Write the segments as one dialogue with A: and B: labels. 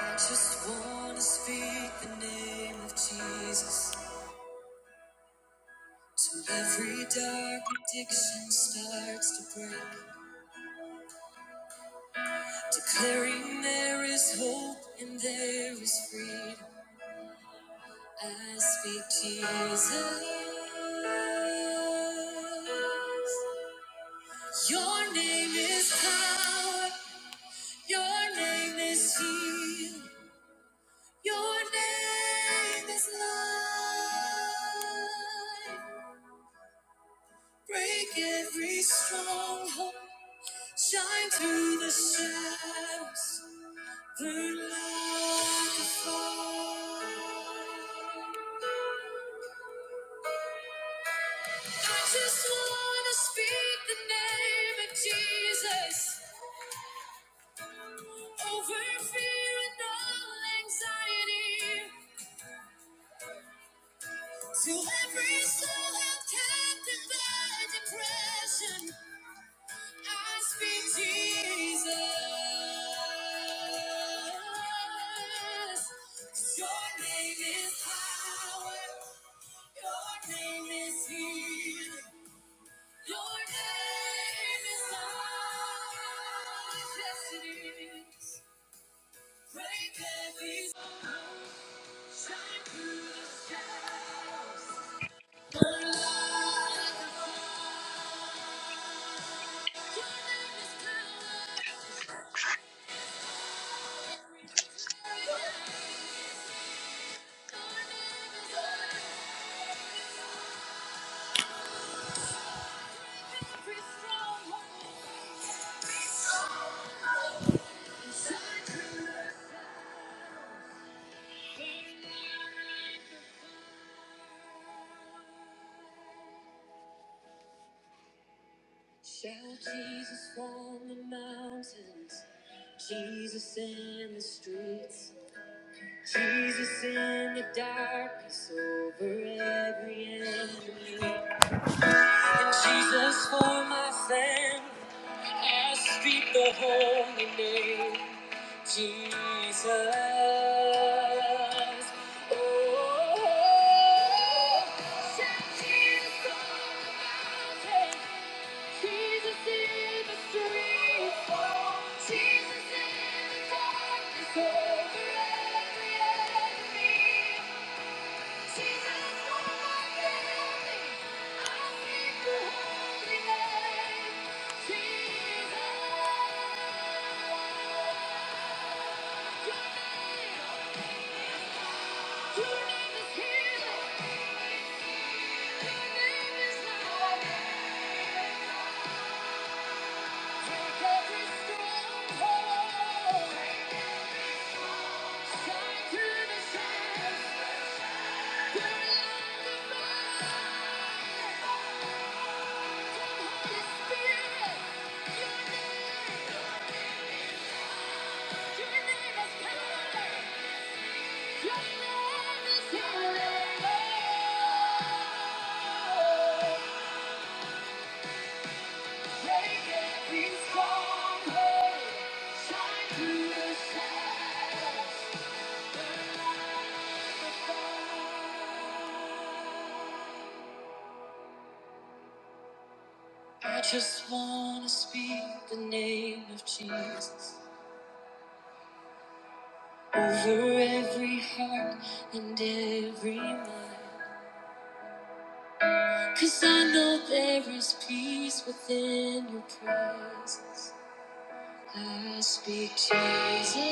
A: I just want to speak the name of Jesus. till every dark addiction starts to break. Declaring there is hope and there is freedom. I speak Jesus. Your name is power. Your name is healing. Your name is love. Break every stronghold, shine through the shadows, burn like a fire. I just wanna speak the name of Jesus over fear and all anxiety. To every soul held captive by depression, I speak Jesus. 'Cause Your name is power. Your name is healing. Your name is love. Yes, it is. Break every shine through the shadows. Burn like a fire. Your name is power. Shout Jesus from the mountains, Jesus in the streets, Jesus in the darkness over every enemy. And Jesus for my family, I speak the holy name. Jesus. Oh, shout Jesus on the mountain. Jesus in the streets, oh, Jesus in the darkness over every enemy. Jesus, for my family, I speak your holy name. Jesus. Your name is healing. I just wanna speak the name of Jesus over every heart and every mind. Cause I know there is peace within your presence. I speak Jesus.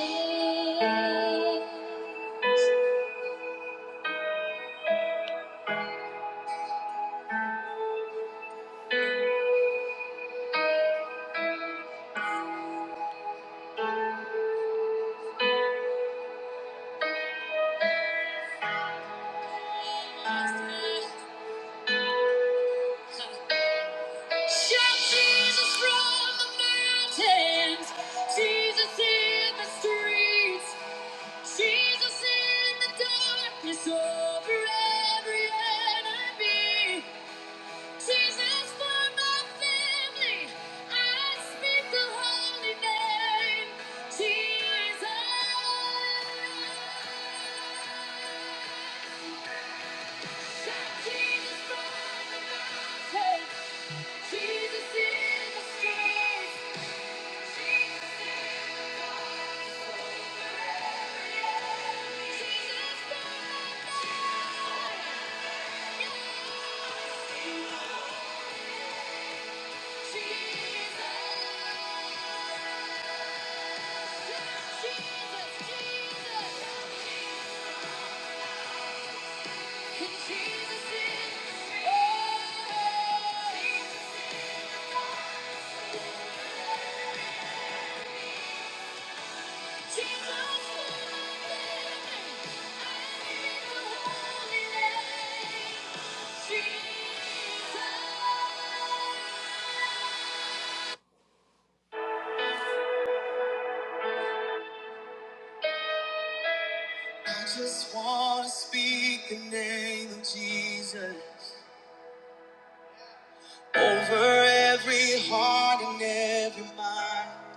A: Shout Jesus from the mountains, Jesus in the streets, Jesus in the darkness over every enemy, Jesus for my family. I speak the holy name, Jesus. Shout Jesus from the mountains, Jesus in the streets, Jesus. in I just want to speak the name of Jesus. over every heart and every mind.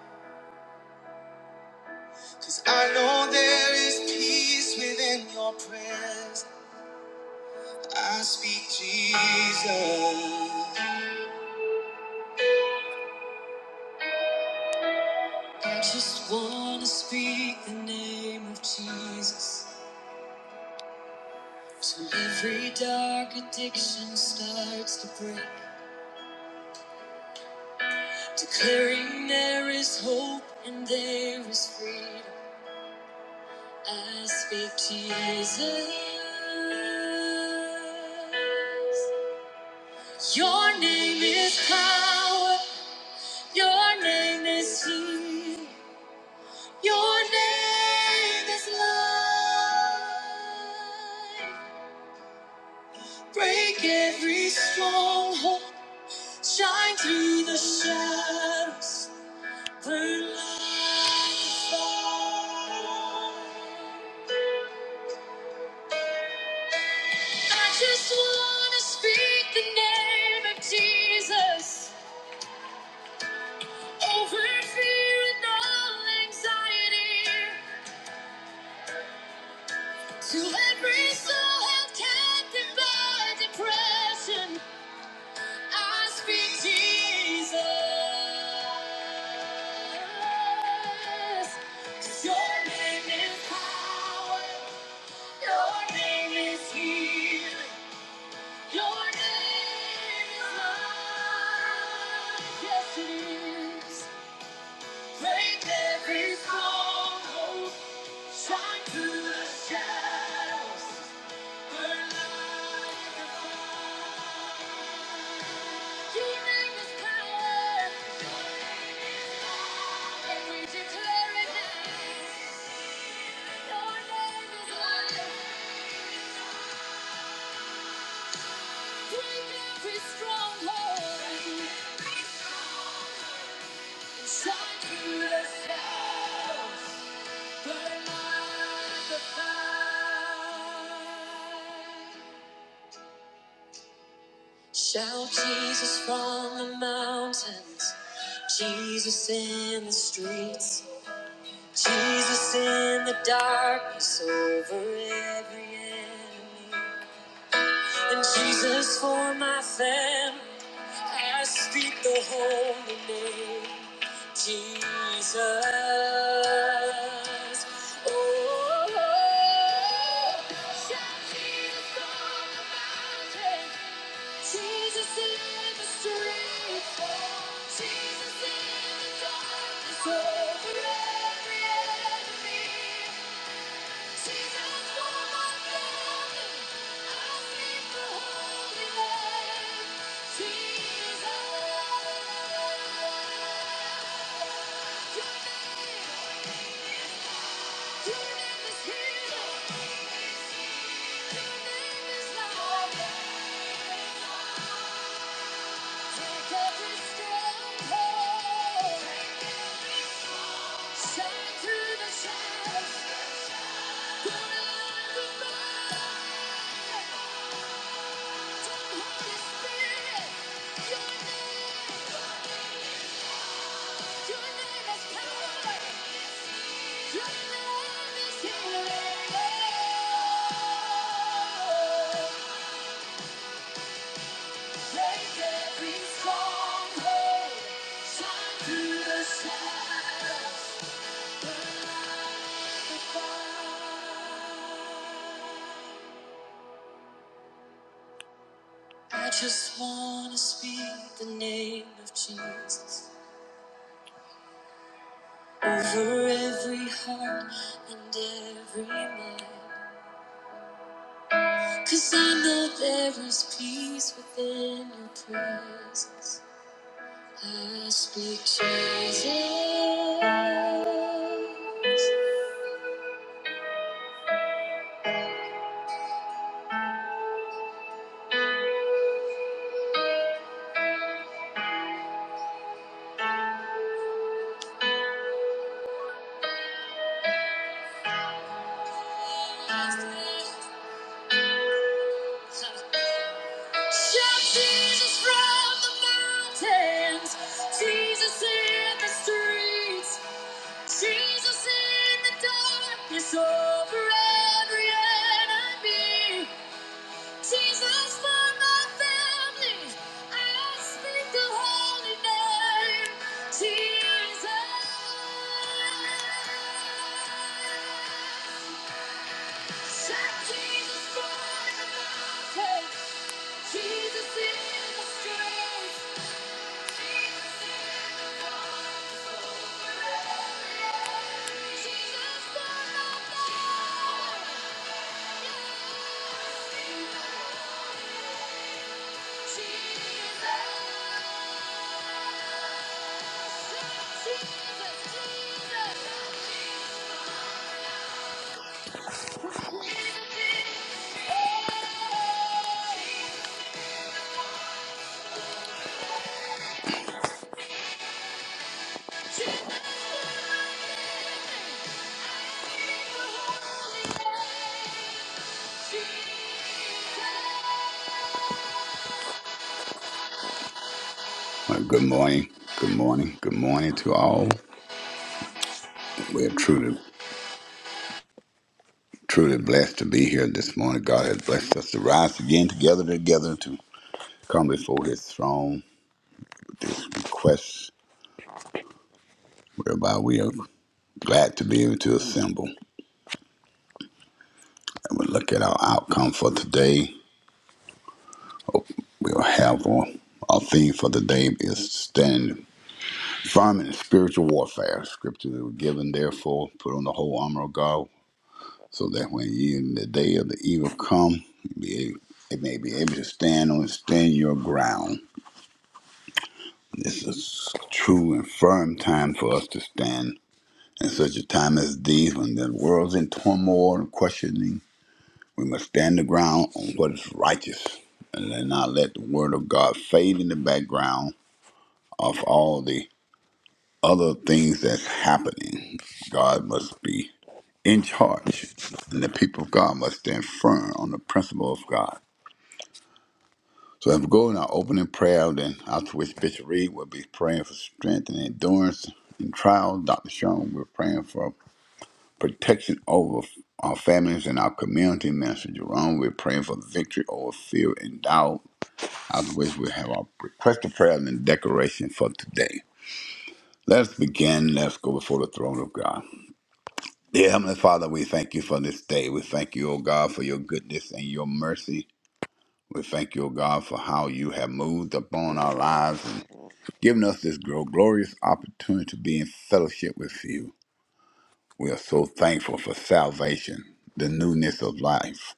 A: Cause I know there is peace within your presence. I speak Jesus. I just wanna speak the name of Jesus. Till every dark addiction starts to break. Declaring there is hope and there is freedom. I speak Jesus. Your name is power. Your name is healing. Your name is life. Break every stronghold. Shine through the shadows. Burn like a fire. I just wanna speak the name of Jesus over fear and all anxiety. To every soul held captive by depression, I speak Jesus. 'Cause Your name is power. Your name is healing. Your name is life. Yes, it is. Break every stronghold. Shine through the shadows. Shout Jesus from the mountains, Jesus in the streets. Jesus in the darkness over every enemy. And Jesus for my family, I speak the holy name. Jesus. Oh, oh, oh. Shout Jesus on the mountain. Jesus in the streets, oh, Jesus in the darkness over every enemy. Jesus for my family, I speak the holy name. Jesus, your name, your name is healing. Your name is life. Take every stronghold. Shine through the shadows. Burn like a fire. Come, Holy Spirit. Your name, your name is power. Your name is healing. Break every stronghold. Shine through the shadows. I just wanna speak the name of Jesus over every heart and every mind. Cause I know there is peace within your presence. I speak Jesus. Shout Jesus from the mountains, Jesus in the streets, Jesus in the darkness over every enemy, Jesus for my family. I speak the holy name, Jesus. Shout Jesus from the mountains, Jesus in the streets. Jesus, Jesus, Jesus.
B: Uh, good morning. Good morning. Good morning to all. We're truly, truly blessed to be here this morning. God has blessed us to rise again together, together to come before His throne. Requests whereby we are glad to be able to assemble. And we look at our outcome for today. We'll have our, our theme for the day is standing firm in spiritual warfare. Scriptures that were given, therefore, put on the whole armor of God so that when you in the day of the evil come, you be able, it may be able to stand on stand your ground. This is a true and firm time for us to stand in such a time as these, when the world's in turmoil and questioning. We must stand the ground on what is righteous, and then not let the word of God fade in the background of all the other things that's happening. God must be in charge, and the people of God must stand firm on the principle of God. So as we go in our opening prayer, then after which Bishop Reed will be praying for strength and endurance in trials. Dr. Sean will be praying for protection over our families and our community. Minister Jerome will be praying for victory over fear and doubt. After which we have our request of prayer and decoration for today. Let us begin. Let's go before the throne of God. Dear Heavenly Father, we thank you for this day. We thank you, O God, for your goodness and your mercy. We thank you, O God, for how you have moved upon our lives giving us this gro- glorious opportunity to be in fellowship with you. We are so thankful for salvation, the newness of life,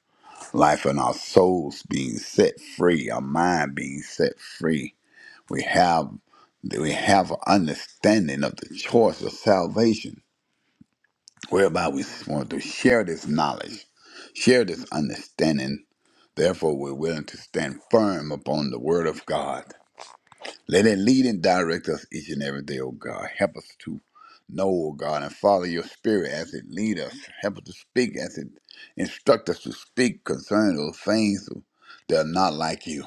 B: life in our souls being set free, our mind being set free. We have we have an understanding of the choice of salvation, whereby we want to share this knowledge, share this understanding. Therefore, we're willing to stand firm upon the word of God Let it lead and direct us each and every day, O God. Help us to know, O God, and follow your spirit as it lead us. Help us to speak as it instruct us to speak concerning those things that are not like you.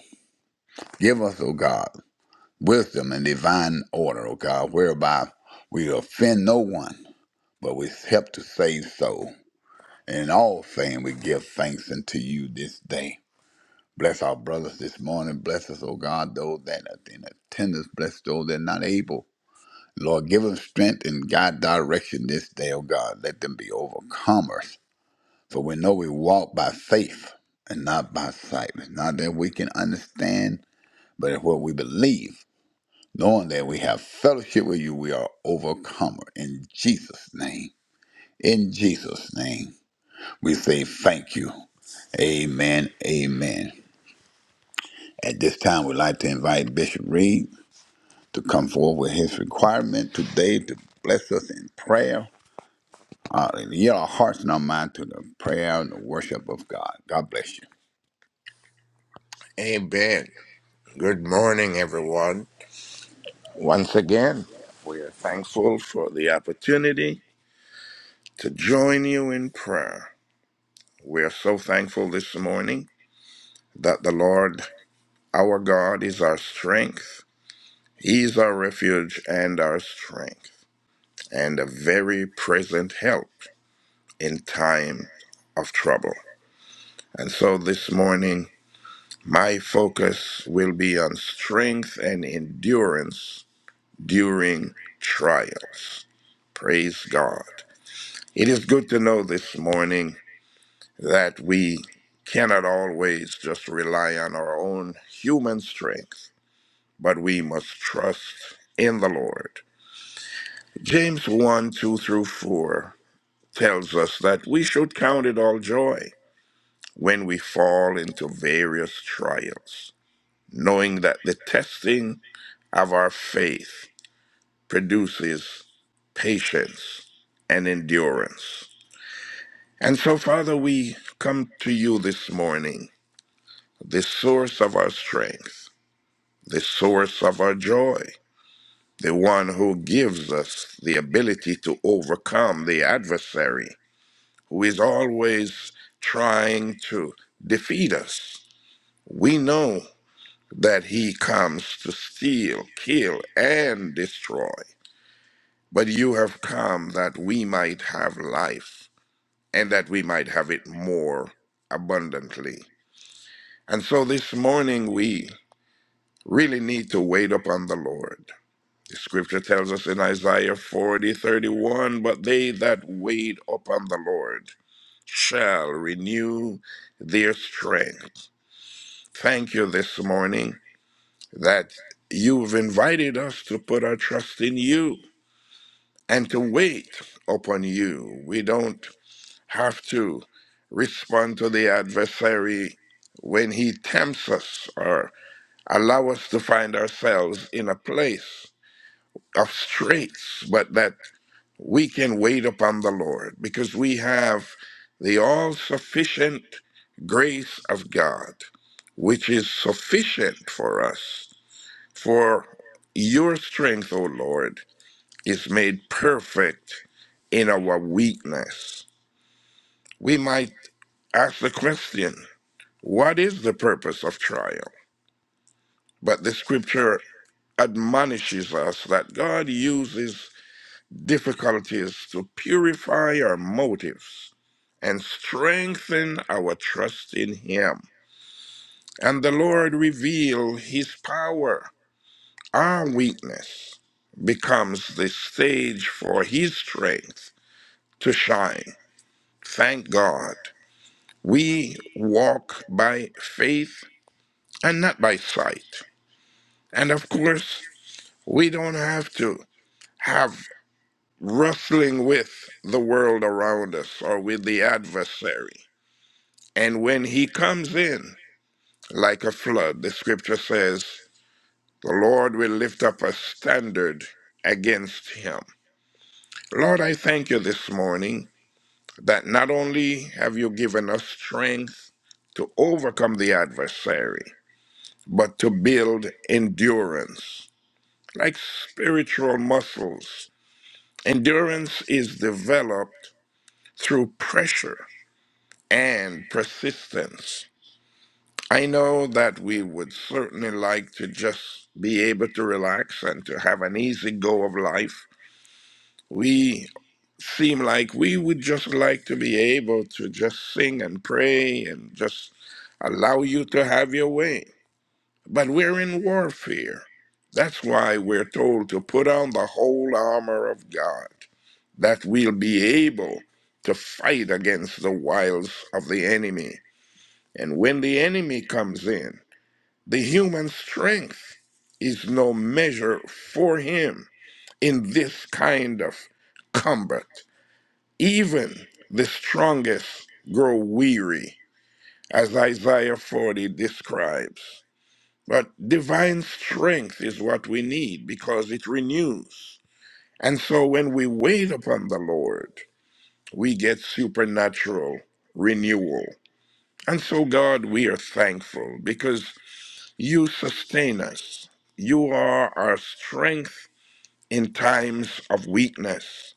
B: Give us, O God, wisdom and divine order, O God, whereby we offend no one, but we help to save soul. And in all things we give thanks unto you this day. Bless our brothers this morning. Bless us, O God, those that are in attendance. Bless those that are not able. Lord, give them strength and guide direction this day, O God. Let them be overcomers. For we know we walk by faith and not by sight. It's Not that we can understand, but it's what we believe. Knowing that we have fellowship with you, we are overcomer. In Jesus' name. In Jesus' name, we say thank you. Amen. Amen. At this time, we'd like to invite Bishop Reed to come forward with his requirement today to bless us in prayer Hallelujah. Get our hearts and our mind to the prayer and the worship of God. God bless you.
C: Amen. Good morning, everyone. Once again, we are thankful for the opportunity to join you in prayer. We are so thankful this morning that the Lord, our God, is our strength. He is our refuge and our strength, and a very present help in time of trouble. And so this morning, my focus will be on strength and endurance during trials. Praise God. It is good to know this morning that we cannot always just rely on our own human strength, but we must trust in the Lord. James 1 2 through 4 tells us that we should count it all joy when we fall into various trials, knowing that the testing of our faith produces patience and endurance. And so, Father, we come to you this morning, the source of our strength, the source of our joy, the one who gives us the ability to overcome the adversary who is always trying to defeat us. We know that he comes to steal, kill, and destroy. But you have come that we might have life and that we might have it more abundantly. And so this morning we really need to wait upon the Lord. The scripture tells us in Isaiah 40 31, but they that wait upon the Lord shall renew their strength. Thank you this morning that you've invited us to put our trust in you and to wait upon you. We don't have to respond to the adversary when he tempts us or. allow us to find ourselves in a place of straits, but that we can wait upon the Lord because we have the all sufficient grace of God, which is sufficient for us. For your strength, O Lord, is made perfect in our weakness. We might ask the question what is the purpose of trial? But the scripture admonishes us that God uses difficulties to purify our motives and strengthen our trust in Him. And the Lord reveals His power. Our weakness becomes the stage for His strength to shine. Thank God. We walk by faith and not by sight. And of course, we don't have to have wrestling with the world around us or with the adversary. And when he comes in like a flood, the scripture says, the Lord will lift up a standard against him. Lord, I thank you this morning that not only have you given us strength to overcome the adversary, but to build endurance, like spiritual muscles. Endurance is developed through pressure and persistence. I know that we would certainly like to just be able to relax and to have an easy go of life. We seem like we would just like to be able to just sing and pray and just allow you to have your way. But we're in warfare. That's why we're told to put on the whole armor of God, that we'll be able to fight against the wiles of the enemy And when the enemy comes in, the human strength is no measure for him in this kind of combat. Even the strongest grow weary, as Isaiah 40 describes. But divine strength is what we need because it renews. And so when we wait upon the Lord, we get supernatural renewal. And so, God, we are thankful because You sustain us. You are our strength in times of weakness.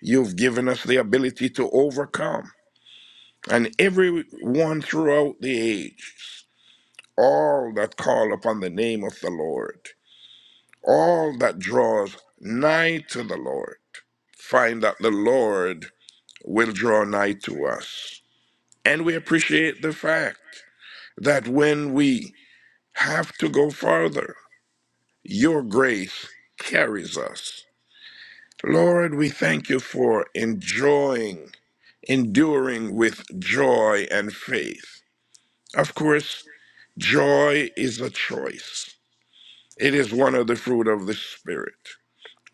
C: You've given us the ability to overcome. And everyone throughout the ages, all that call upon the name of the Lord, all that draws nigh to the Lord, find that the Lord will draw nigh to us. And we appreciate the fact that when we have to go farther, Your grace carries us. Lord, we thank you for enjoying, enduring with joy and faith. Of course, joy is a choice, it is one of the fruit of the Spirit.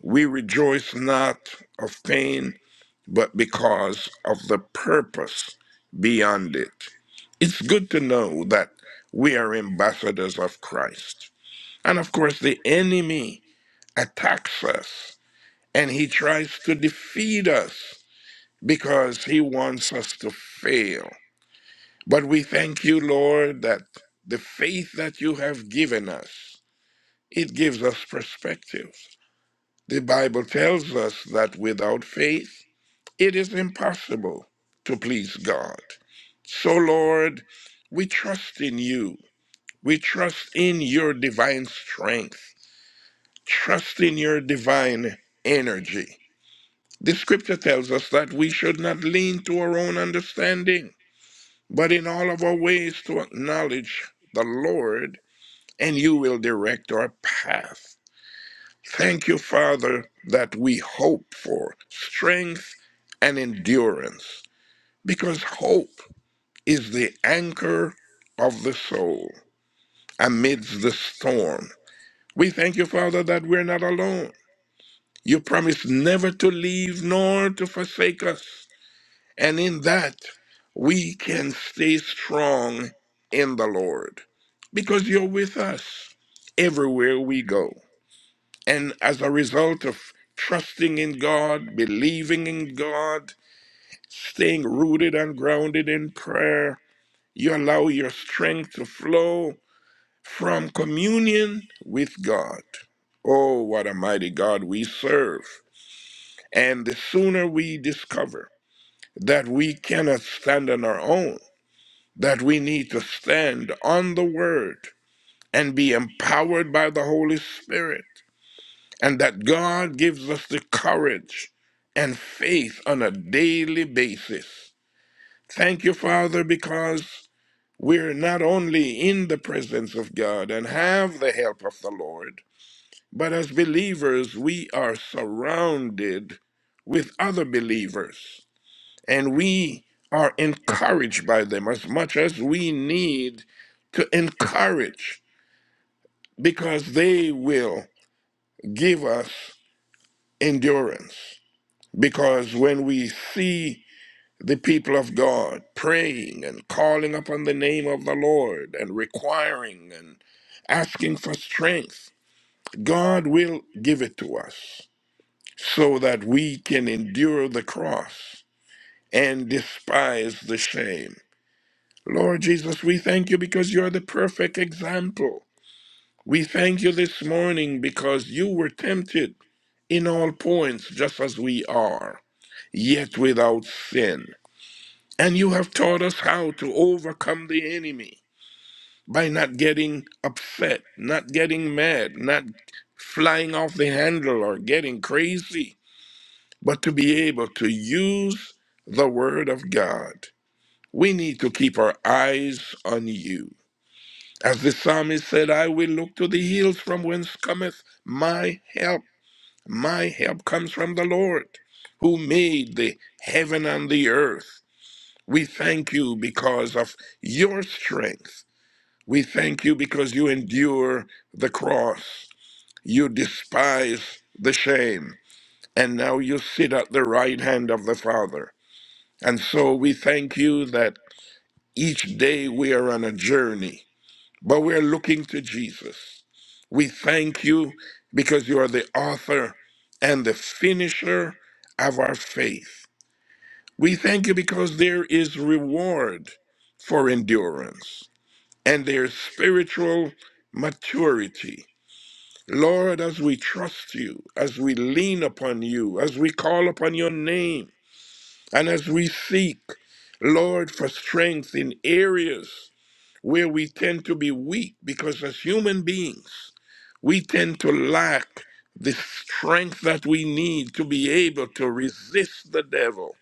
C: We rejoice not of pain, but because of the purpose beyond it. It's good to know that we are ambassadors of Christ. And of course, the enemy attacks us And he tries to defeat us because he wants us to fail. But we thank you, Lord, that the faith that you have given us, it gives us perspective. The Bible tells us that without faith, it is impossible to please God. So, Lord, we trust in you. We trust in your divine strength. Trust in your divine energy. The scripture tells us that we should not lean to our own understanding, but in all of our ways to acknowledge the Lord, and you will direct our path. Thank you, Father, that we hope for strength and endurance, because hope is the anchor of the soul amidst the storm. We thank you, Father, that we're not alone. You promise never to leave nor to forsake us. And in that, we can stay strong in the Lord because you're with us everywhere we go. And as a result of trusting in God, believing in God, staying rooted and grounded in prayer, you allow your strength to flow from communion with God. Oh, what a mighty God we serve. And the sooner we discover that we cannot stand on our own, that we need to stand on the Word and be empowered by the Holy Spirit, and that God gives us the courage and faith on a daily basis. Thank you, Father, because we're not only in the presence of God and have the help of the Lord, but as believers, we are surrounded with other believers and we are encouraged by them as much as we need to encourage because they will give us endurance. Because when we see the people of God praying and calling upon the name of the Lord and requiring and asking for strength, God will give it to us so that we can endure the cross and despise the shame. Lord Jesus, we thank you because you're the perfect example. We thank you this morning because you were tempted in all points, just as we are, yet without sin. And you have taught us how to overcome the enemy by not getting upset, not getting mad, not flying off the handle or getting crazy, but to be able to use the Word of God. We need to keep our eyes on you. As the psalmist said, I will look to the hills from whence cometh my help. My help comes from the Lord who made the heaven and the earth. We thank you because of your strength. We thank you because you endure the cross. You despise the shame. And now you sit at the right hand of the Father. And so we thank you that each day we are on a journey but we're looking to Jesus. We thank you because you are the author and the finisher of our faith. We thank you because there is reward for endurance and there's spiritual maturity. Lord, as we trust you, as we lean upon you, as we call upon your name, and as we seek, Lord, for strength in areas where we tend to be weak because as human beings, we tend to lack the strength that we need to be able to resist the devil.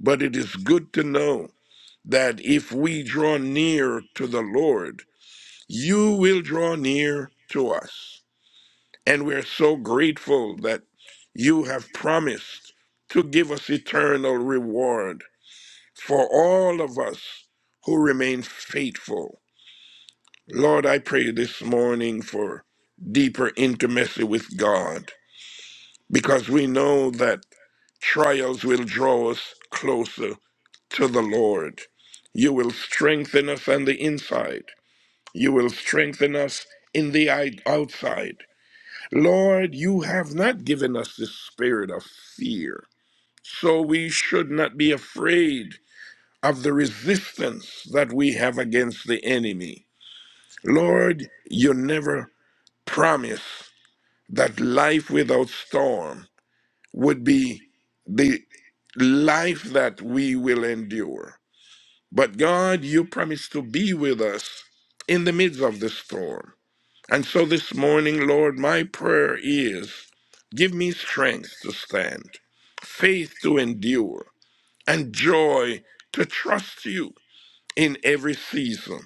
C: But it is good to know that if we draw near to the Lord, you will draw near to us. And we're so grateful that you have promised to give us eternal reward for all of us who remain faithful. Lord, I pray this morning for deeper intimacy with God because we know that trials will draw us closer to the Lord. You will strengthen us on the inside, you will strengthen us in the i- outside. Lord, you have not given us the spirit of fear, so we should not be afraid of the resistance that we have against the enemy. Lord, you never promise that life without storm would be the life that we will endure. But God, you promise to be with us in the midst of the storm. And so this morning, Lord, my prayer is give me strength to stand, faith to endure, and joy to trust you in every season.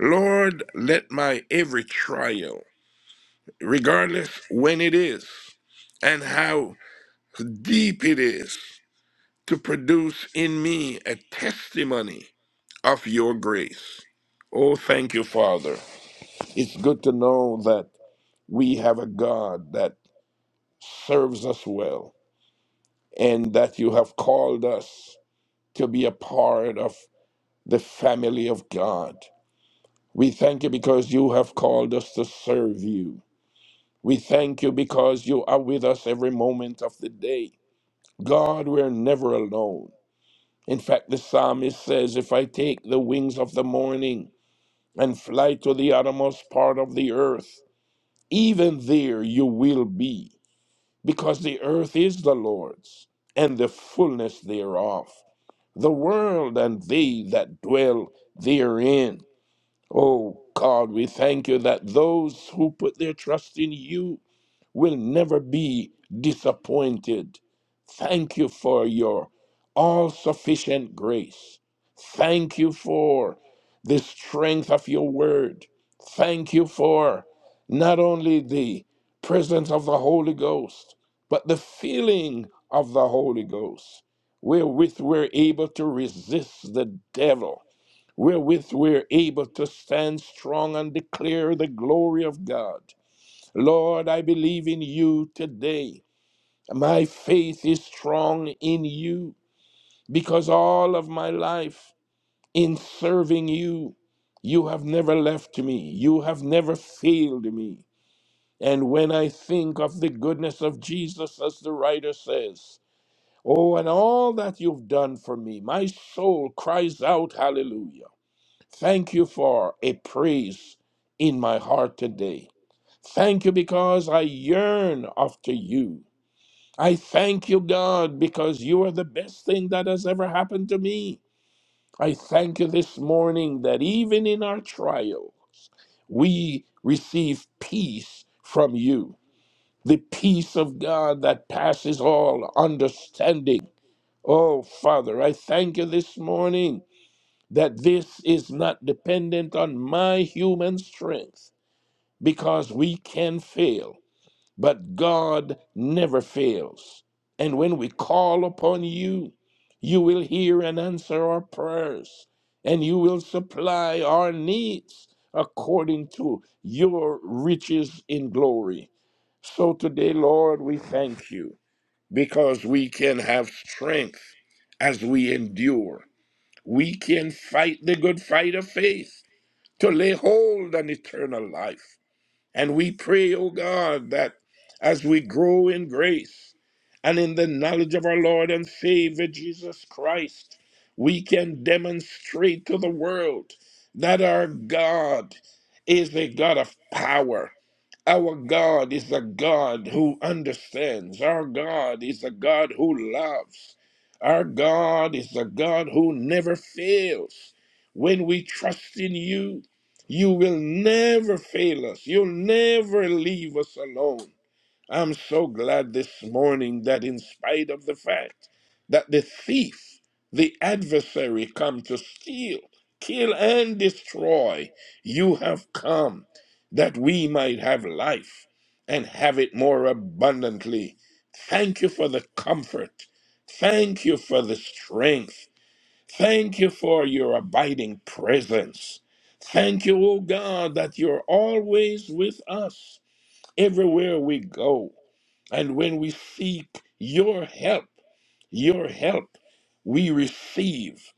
C: Lord, let my every trial regardless when it is and how deep it is to produce in me a testimony of your grace. Oh, thank you, Father. It's good to know that we have a God that serves us well and that you have called us to be a part of the family of God. We thank you because you have called us to serve you. We thank you because you are with us every moment of the day. God, we're never alone. In fact, the psalmist says, If I take the wings of the morning and fly to the uttermost part of the earth, even there you will be, because the earth is the Lord's and the fullness thereof, the world and they that dwell therein. Oh God, we thank you that those who put their trust in you will never be disappointed. Thank you for your all sufficient grace. Thank you for the strength of your word. Thank you for not only the presence of the Holy Ghost, but the feeling of the Holy Ghost, wherewith we're able to resist the devil, wherewith we're able to stand strong and declare the glory of God. Lord, I believe in you today. My faith is strong in you because all of my life in serving you, you have never left me. You have never failed me. And when I think of the goodness of Jesus, as the writer says, oh, and all that you've done for me, my soul cries out, Hallelujah. Thank you for a praise in my heart today. Thank you because I yearn after you. I thank you, God, because you are the best thing that has ever happened to me. I thank you this morning that even in our trials, we receive peace from you, the peace of God that passes all understanding. Oh, Father, I thank you this morning that this is not dependent on my human strength because we can fail. But God never fails. And when we call upon you, you will hear and answer our prayers, and you will supply our needs according to your riches in glory. So today, Lord, we thank you because we can have strength as we endure. We can fight the good fight of faith to lay hold on eternal life. And we pray, O God, that as we grow in grace and in the knowledge of our Lord and Savior Jesus Christ, we can demonstrate to the world that our God is a God of power our God is a God who understands. Our God is a God who loves. Our God is a God who never fails. When we trust in you, you will never fail us. You'll never leave us alone. I'm so glad this morning that, in spite of the fact that the thief, the adversary, come to steal, kill, and destroy, you have come that we might have life and have it more abundantly. Thank you for the comfort. Thank you for the strength. Thank you for your abiding presence. Thank you, O God, that you're always with us everywhere we go. And when we seek your help, your help we receive.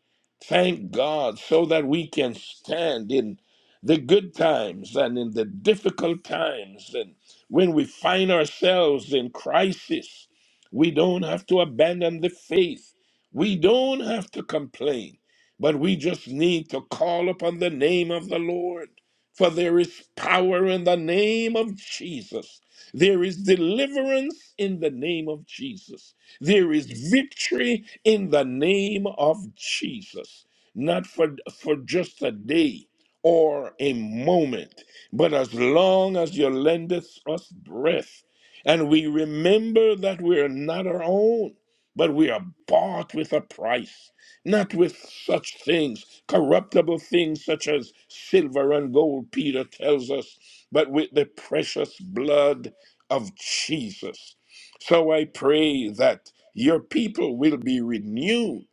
C: Thank God so that we can stand in the good times and in the difficult times. And when we find ourselves in crisis, we don't have to abandon the faith. We don't have to complain, but we just need to call upon the name of the Lord. For there is power in the name of Jesus. There is deliverance in the name of Jesus. There is victory in the name of Jesus, not for, for just a day or a moment, but as long as you lendeth us breath. And we remember that we are not our own, but we are bought with a price, not with such things, corruptible things such as silver and gold, Peter tells us, but with the precious blood of Jesus. So I pray that your people will be renewed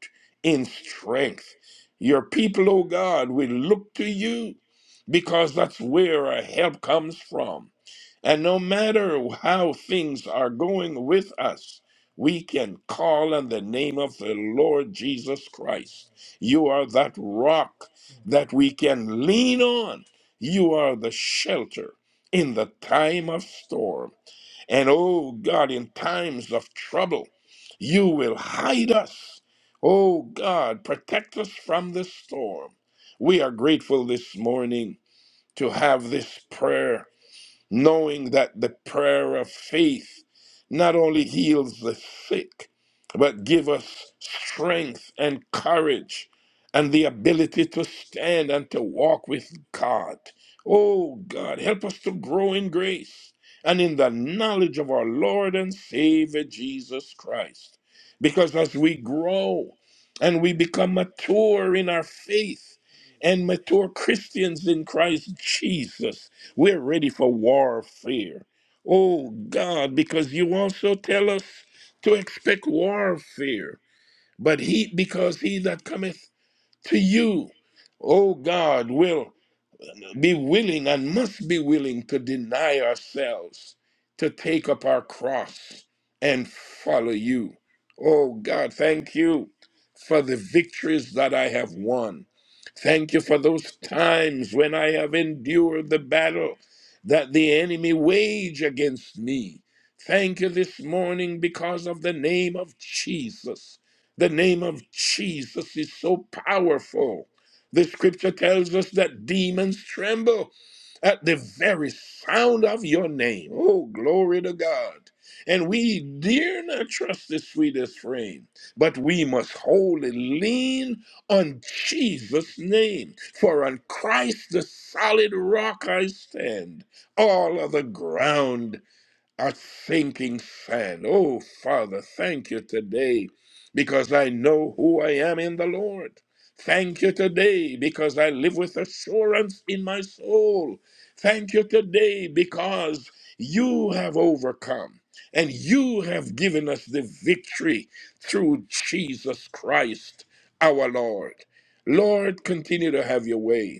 C: in strength. Your people, O God, will look to you because that's where our help comes from. And no matter how things are going with us, we can call on the name of the Lord Jesus Christ. You are that rock that we can lean on. You are the shelter in the time of storm. And oh God, in times of trouble, you will hide us. Oh God, protect us from the storm. We are grateful this morning to have this prayer knowing that the prayer of faith not only heals the sick, but give us strength and courage and the ability to stand and to walk with God. Oh God, help us to grow in grace and in the knowledge of our Lord and Savior Jesus Christ. Because as we grow and we become mature in our faith and mature Christians in Christ Jesus, we're ready for warfare. Oh God, because you also tell us to expect warfare. But he because he that cometh to you, oh God, will be willing and must be willing to deny ourselves, to take up our cross and follow you. Oh God, thank you for the victories that I have won. Thank you for those times when I have endured the battle that the enemy wage against me. Thank you this morning because of the name of Jesus. The name of Jesus is so powerful. The scripture tells us that demons tremble at the very sound of your name. Oh, glory to God. And we dare not trust the sweetest frame, but we must wholly lean on Jesus' name. For on Christ, the solid rock, I stand. All other ground a sinking sand. Oh, Father, thank you today because I know who I am in the Lord. Thank you today because I live with assurance in my soul. Thank you today because you have overcome and you have given us the victory through Jesus Christ, our Lord. Lord, continue to have your way.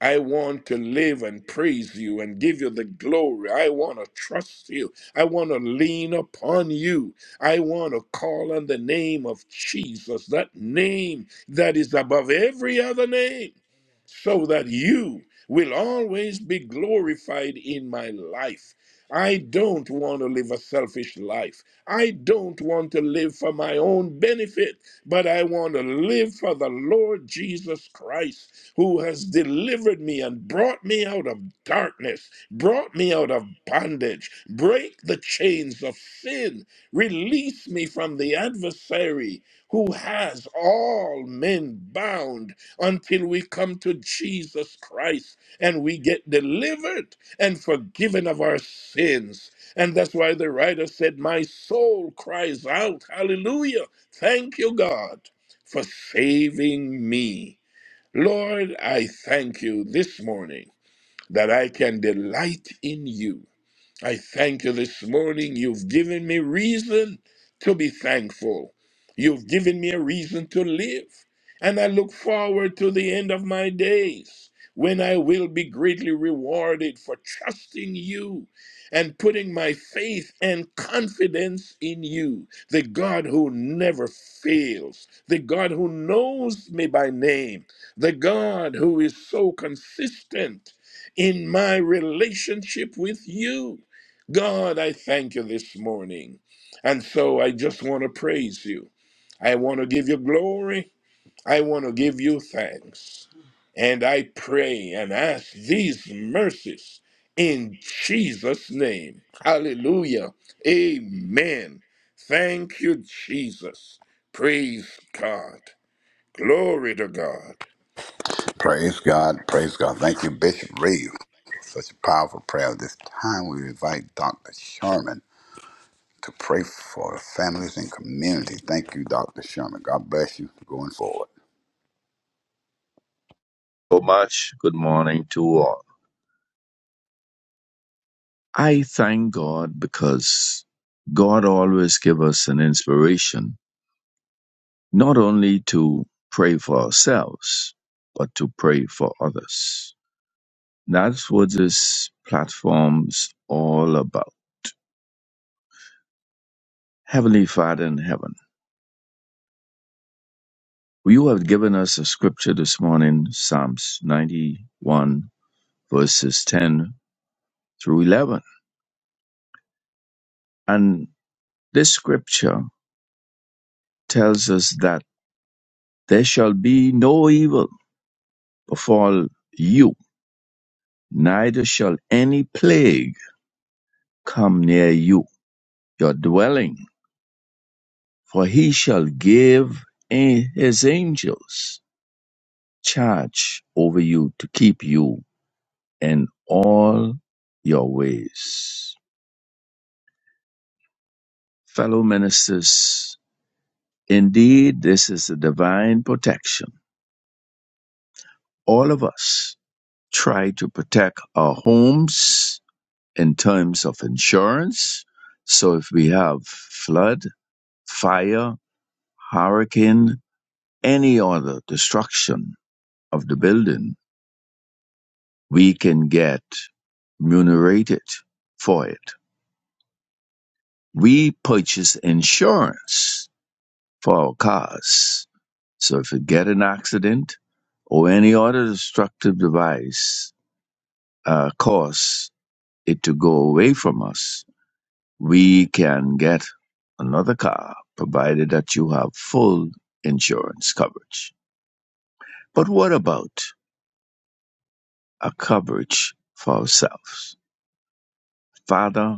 C: I want to live and praise you and give you the glory. I want to trust you. I want to lean upon you. I want to call on the name of Jesus, that name that is above every other name so that you will always be glorified in my life. I don't want to live a selfish life. I don't want to live for my own benefit, but I want to live for the Lord Jesus Christ, who has delivered me and brought me out of darkness, brought me out of bondage. Break the chains of sin, release me from the adversary who has all men bound until we come to Jesus Christ and we get delivered and forgiven of our sins. And that's why the writer said, My soul cries out, Hallelujah. Thank you, God, for saving me. Lord, I thank you this morning that I can delight in you. I thank you this morning. You've given me reason to be thankful. You've given me a reason to live. And I look forward to the end of my days when I will be greatly rewarded for trusting you and putting my faith and confidence in you, the God who never fails, the God who knows me by name, the God who is so consistent in my relationship with you. God, I thank you this morning. And so I just want to praise you. I want to give you glory. I want to give you thanks. And I pray and ask these mercies in Jesus' name. Hallelujah. Amen. Thank you, Jesus. Praise God. Glory to God.
B: Praise God. Praise God. Thank you, Bishop Reed, for such a powerful prayer. This time we invite Dr. Sherman to pray for families and community. Thank you, Dr. Sherman. God bless you going forward.
D: so much. Good morning to all. I thank God because God always give us an inspiration, not only to pray for ourselves, but to pray for others. That's what this platform's all about. Heavenly Father in heaven, you have given us a scripture this morning, Psalms 91 verses 10 through 11. And this scripture tells us that there shall be no evil befall you, neither shall any plague come near you, your dwelling, for he shall give a- his angels charge over you to keep you in all your ways. Fellow ministers, indeed, this is a divine protection. All of us try to protect our homes in terms of insurance. So if we have flood, fire, hurricane, any other destruction of the building, we can get remunerated for it. We purchase insurance for our cars. So if you get an accident or any other destructive device uh, cause it to go away from us, we can get another car, provided that you have full insurance coverage. But what about? a coverage for ourselves. Father,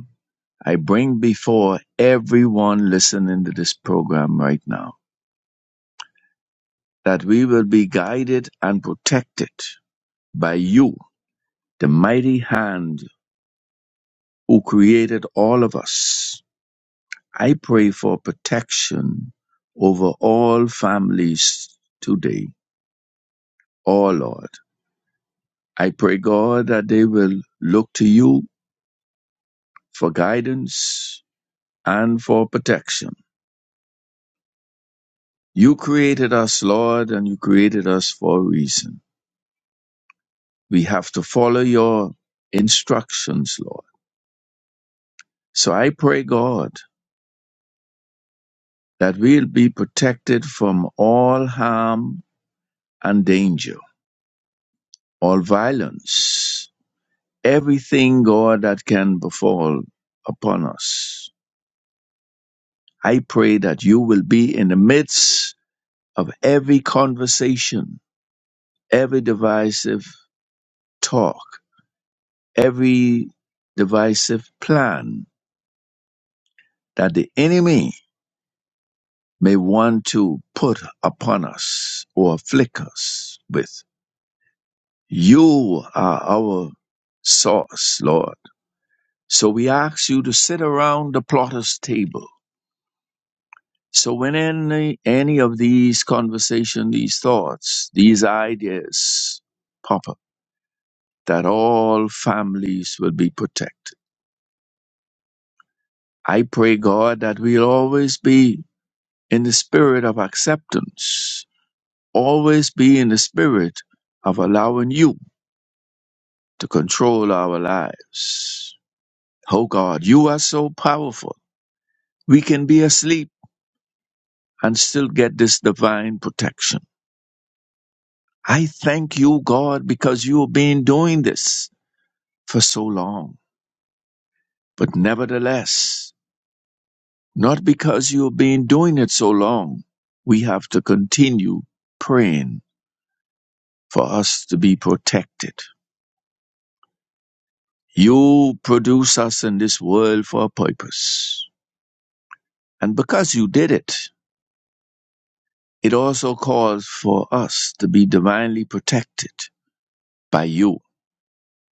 D: I bring before everyone listening to this program right now that we will be guided and protected by you, the mighty hand who created all of us. I pray for protection over all families today. Oh Lord, I pray God that they will look to you for guidance and for protection You created us, Lord, and you created us for a reason. We have to follow your instructions, Lord. So I pray, God, that we'll be protected from all harm and danger, all violence, everything, God, that can befall upon us. I pray that you will be in the midst of every conversation, every divisive talk, every divisive plan, that the enemy may want to put upon us or afflict us with. You are our source, Lord. So we ask you to sit around the plotter's table. So when any, any of these conversations, these thoughts, these ideas pop up, that all families will be protected. I pray, God, that we'll always be in the spirit of acceptance always be in the spirit of allowing you to control our lives. Oh God, you are so powerful. We can be asleep and still get this divine protection. I thank you, God, because you have been doing this for so long. But nevertheless, not because you have been doing it so long, we have to continue praying for us to be protected. You produce us in this world for a purpose. And because you did it, it also calls for us to be divinely protected by you.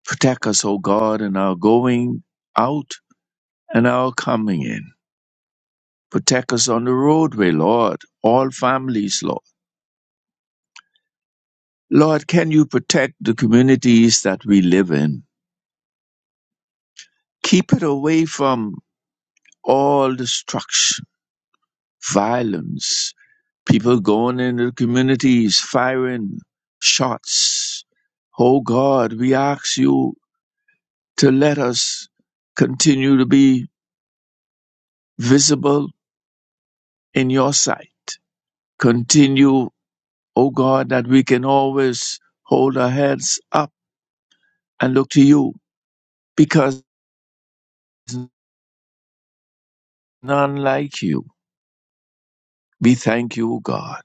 D: Protect us, O God, in our going out and our coming in. Protect us on the roadway, Lord, all families, Lord. Lord, can you protect the communities that we live in? Keep it away from all destruction, violence, people going into the communities, firing shots. Oh God, we ask you to let us continue to be visible in your sight. Continue, O God, that we can always hold our heads up and look to you because none like you. We thank you, O God.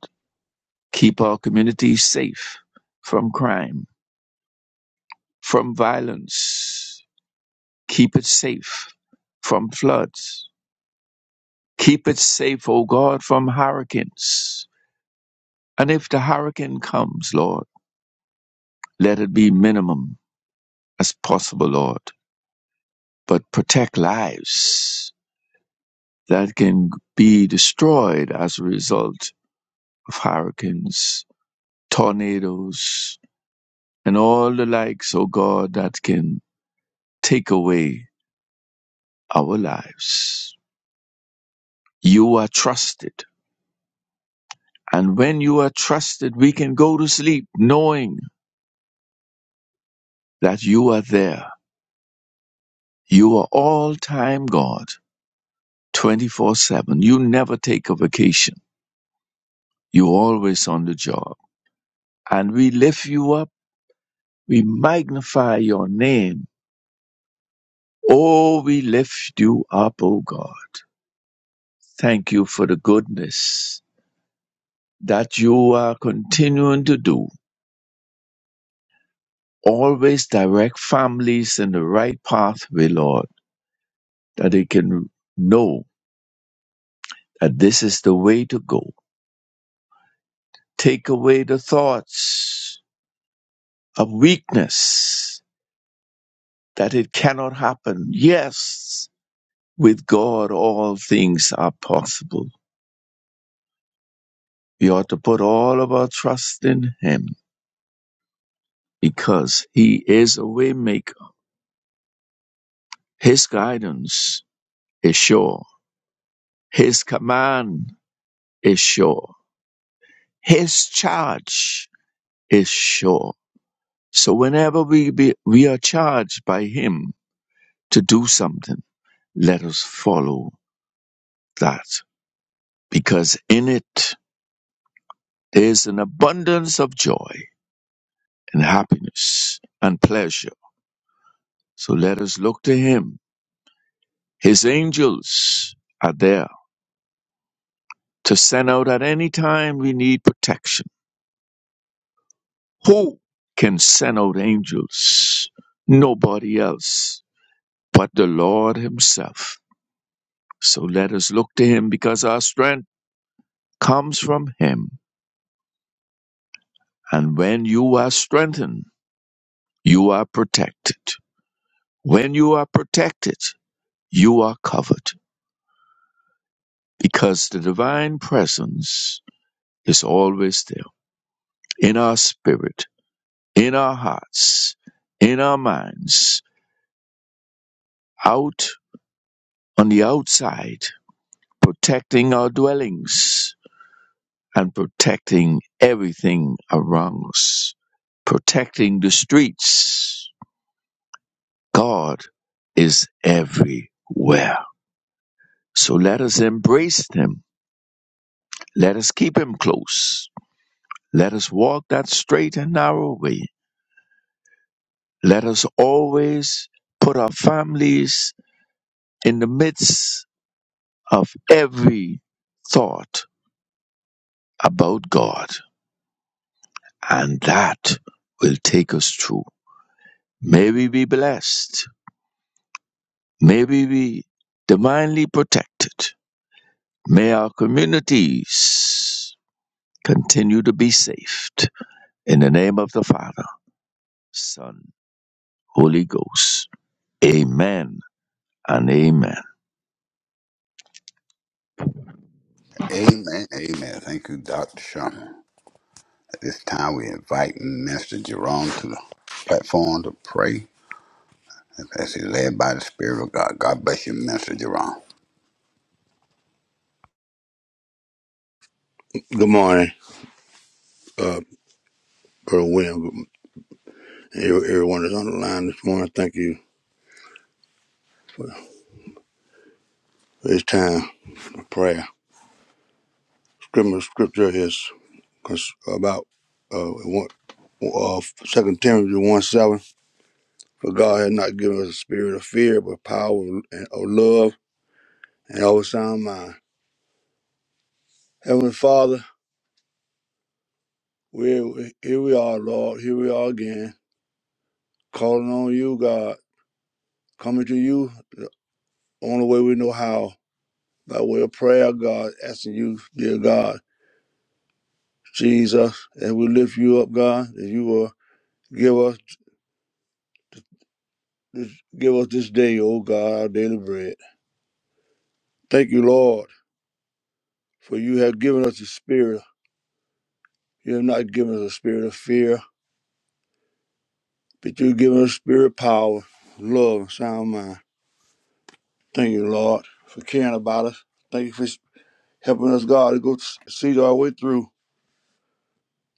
D: Keep our community safe from crime, from violence. Keep it safe from floods. Keep it safe, O God, from hurricanes. And if the hurricane comes, Lord, let it be minimum as possible, Lord, but protect lives that can be destroyed as a result of hurricanes, tornadoes, and all the likes, O God, that can take away our lives. You are trusted. And when you are trusted, we can go to sleep knowing that you are there. You are all time God, 24 7. You never take a vacation. You're always on the job. And we lift you up We magnify your name. Oh, we lift you up, O God. Thank you for the goodness that you are continuing to do. Always direct families in the right pathway, Lord, that they can know that this is the way to go. Take away the thoughts of weakness that it cannot happen. Yes, with God, all things are possible. We ought to put all of our trust in Him because he is a waymaker. His guidance is sure. His command is sure. His charge is sure. So whenever we be, we are charged by him to do something, let us follow that because in it there is an abundance of joy and happiness and pleasure. So let us look to him. His angels are there to send out at any time we need protection Who can send out angels? Nobody else but the Lord Himself. So let us look to Him because our strength comes from Him. And when you are strengthened, you are protected. When you are protected, you are covered because the divine presence is always there in our spirit, in our hearts, in our minds, out on the outside, protecting our dwellings and protecting everything around us, protecting the streets. God is everywhere. So let us embrace Him. Let us keep Him close. Let us walk that straight and narrow way. Let us always put our families in the midst of every thought about God, and that will take us through. May we be blessed May we be divinely protected. May our communities continue to be saved. In the name of the Father, Son, Holy Ghost. Amen and amen.
B: Amen. Amen. Thank you, Dr. Sherman. At this time we invite Mr. Jerome to the platform to pray as he's led by the Spirit of God. God bless you, Mr. Jerome.
E: Good morning, uh, Brother William. Every- Everyone is on the line this morning. Thank you. It's time for prayer. Scripture, scripture is cons- about uh, one, uh, 2 Timothy 1 7. For God has not given us a spirit of fear, but power and of love and of a sound mind. Heavenly Father, we here we are, Lord. Here we are again, calling on you, God. Coming to you, only way we know how, by way of prayer, God. Asking you, dear God Jesus, and we lift you up, God, that you will give us this, give us this day, O God, our daily bread. Thank you, Lord, for you have given us the spirit. You have not given us a spirit of fear, but you've given us spirit of power, love, and sound mind. Thank you, Lord, for caring about us. Thank you for helping us, God, to go see our way through.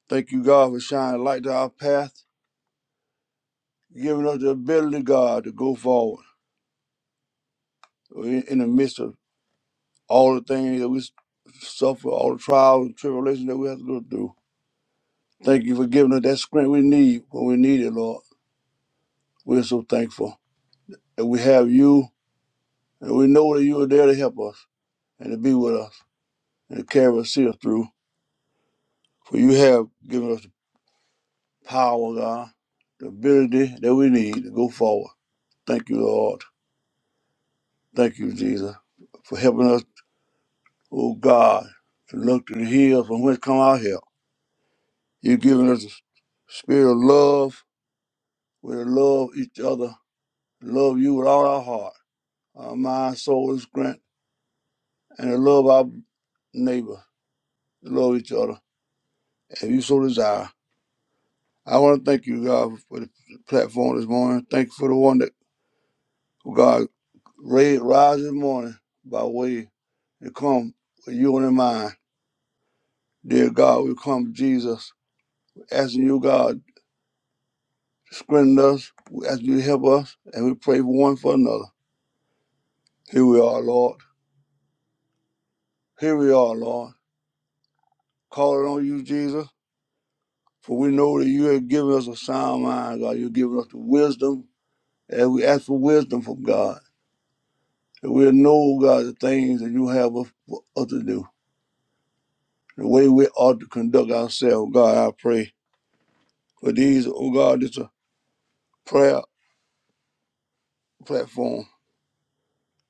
E: Thank you, God, for shining light to our path, giving us the ability, God, to go forward in the midst of all the things that we suffer, all the trials and tribulations that we have to go through. Thank you for giving us that strength we need when we need it, Lord. We're so thankful. that we have you, and we know that you are there to help us and to be with us and to carry us, see us through. For you have given us the power, God, the ability that we need to go forward. Thank you, Lord. Thank you, Jesus, for helping us, oh God, to look to the hills from which come our help. You've given us the spirit of love We're to love each other, love you with all our heart, our mind, soul, and strength, and to love our neighbor, to love each other, if you so desire. I want to thank you, God, for the platform this morning. Thank you for the one that God raised, rise this morning by way to come with you in mind. Dear God, we come, Jesus, asking you, God, to strengthen us, we ask you to help us, and we pray for one for another. Here we are, Lord. Here we are, Lord. Calling on you, Jesus For we know that you have given us a sound mind, God. You've given us the wisdom. And we ask for wisdom from God. that we'll know, God, the things that you have us, for us to do. The way we ought to conduct ourselves, God, I pray. For these, oh God, this a prayer platform.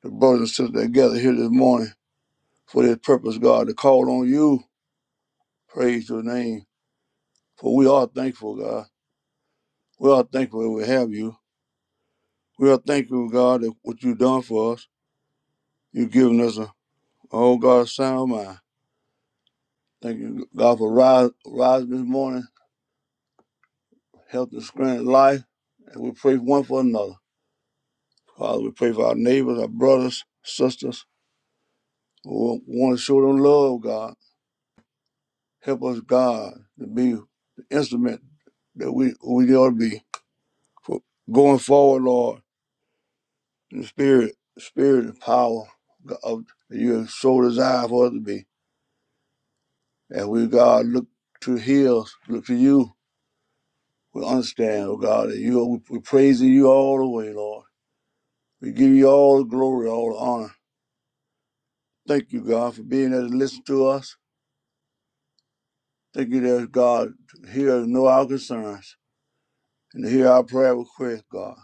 E: The brothers and sisters that gather here this morning for this purpose, God, to call on you. Praise your name. For we are thankful, God. We are thankful that we have you. We are thankful, God, that what you've done for us. You've given us a, oh God, sound mind. Thank you, God, for rise, rise this morning, health and strength, life. And we pray one for another. Father, we pray for our neighbors, our brothers, sisters who want to show them love, oh God. Help us, God, to be the instrument that we who we ought to be for going forward, Lord, in the spirit, spirit and power of that you have so desire for us to be. And we, God, look to the hills, look to you. We understand, oh God, that you we, we praising you all the way, Lord. We give you all the glory, all the honor. Thank you, God, for being there to listen to us. Thank you, there, God, to hear and know our concerns and to hear our prayer request, God.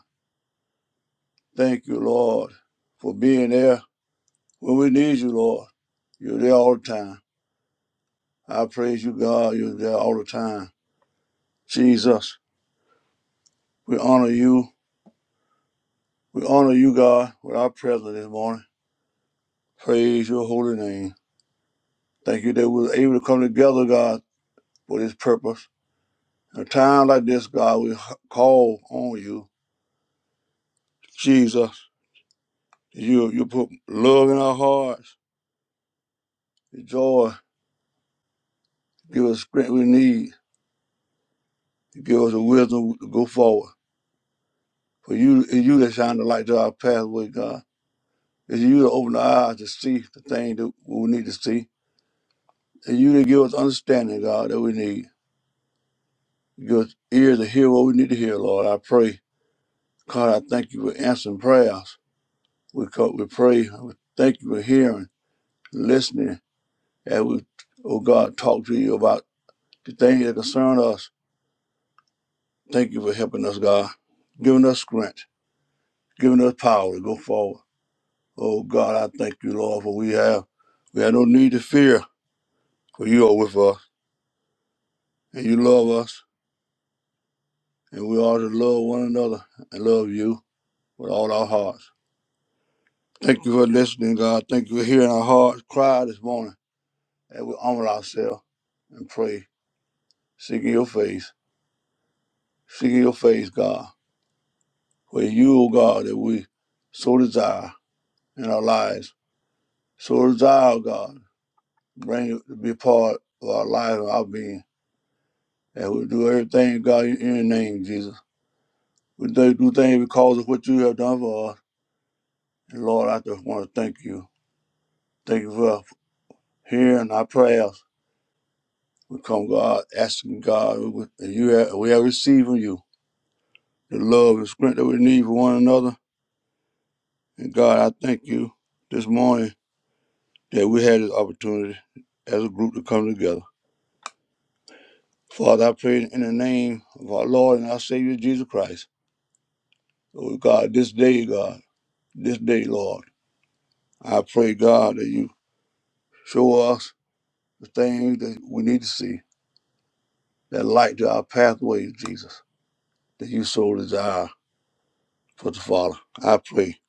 E: Thank you, Lord, for being there when we need you, Lord. You're there all the time. I praise you, God. You're there all the time. Jesus, we honor you. We honor you, God, with our presence this morning. Praise your holy name. Thank you that we were able to come together, God, for this purpose. In a time like this, God, we h- call on you, Jesus. You you put love in our hearts, the joy, give us the strength we need, give us the wisdom to go forward. For you, it's you that shine the light to our pathway, God. It's you that open our eyes to see the thing that we need to see. It's you that give us understanding, God, that we need. Give us ears to hear what we need to hear, Lord. I pray, God, I thank you for answering prayers. We co- we pray, we thank you for hearing, listening And we, oh God, talk to you about the things that concern us. Thank you for helping us, God, giving us strength, giving us power to go forward. Oh God, I thank you, Lord, for we have we have no need to fear, for you are with us and you love us, and we ought to love one another and love you with all our hearts. Thank you for listening, God. Thank you for hearing our hearts cry this morning, and we humble ourselves and pray, seeking your face, seeking your face, God. for you, O God, that we so desire in our lives. So desire, O God, bring it to be a part of our life and our being. and we do everything, God, in your name, Jesus. We do do things because of what you have done for us. And Lord, I just want to thank you. Thank you for hearing our prayers. We come, God, asking God, we- and you have, we have received from you the love and strength that we need for one another. And God, I thank you this morning that we had this opportunity as a group to come together. Father, I pray in the name of our Lord and our Savior Jesus Christ. Oh God, this day, God, this day, Lord, I pray, God, that you show us the things that we need to see, that light to our pathways, Jesus, that you so desire for the Father. I pray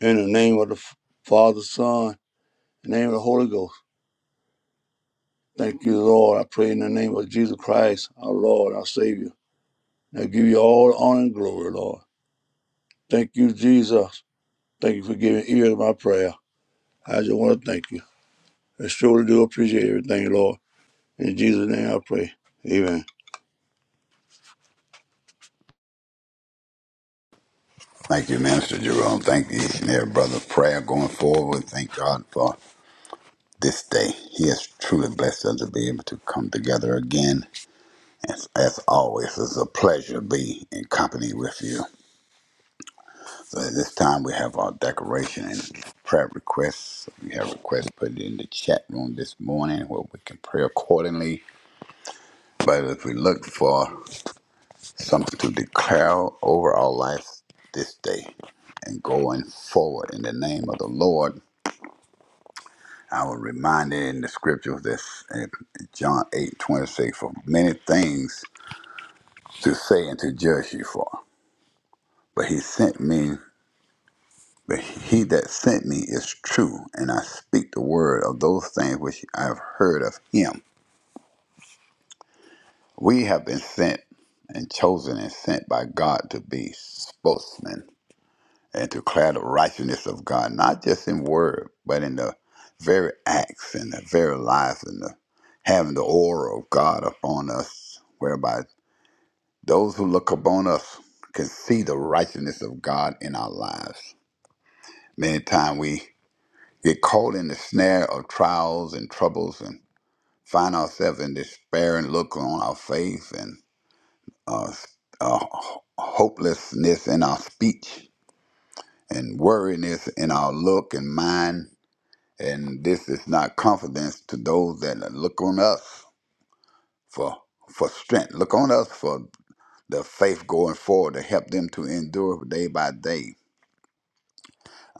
E: in the name of the F- Father, Son, in the name of the Holy Ghost. Thank you, Lord. I pray in the name of Jesus Christ, our Lord, our Savior. And I give you all the honor and glory, Lord. Thank you, Jesus. Thank you for giving ear to my prayer. I just want to thank you. I surely do appreciate everything, Lord. In Jesus' name I pray. Amen.
B: Thank you, Minister Jerome. Thank each and every brother prayer going forward. Thank God for this day. He has truly blessed us to be able to come together again. As, as always, it's a pleasure to be in company with you. So at this time, we have our decoration and prayer requests. We have requests put in the chat room this morning where we can pray accordingly. But if we look for something to declare over our lives this day, and going forward in the name of the Lord. I was reminded in the scriptures that in John eight twenty six for many things to say and to judge you for. But he sent me, but he that sent me is true, and I speak the word of those things which I have heard of him. We have been sent and chosen and sent by God to be spokesmen and to declare the righteousness of God, not just in word, but in the very acts and the very lives, and the having the aura of God upon us, whereby those who look upon us can see the righteousness of God in our lives. Many times we get caught in the snare of trials and troubles and find ourselves in despair and look on our faith and uh, uh, hopelessness in our speech and worriness in our look and mind And this is not confidence to those that look on us for for strength. Look on us for the faith going forward to help them to endure day by day.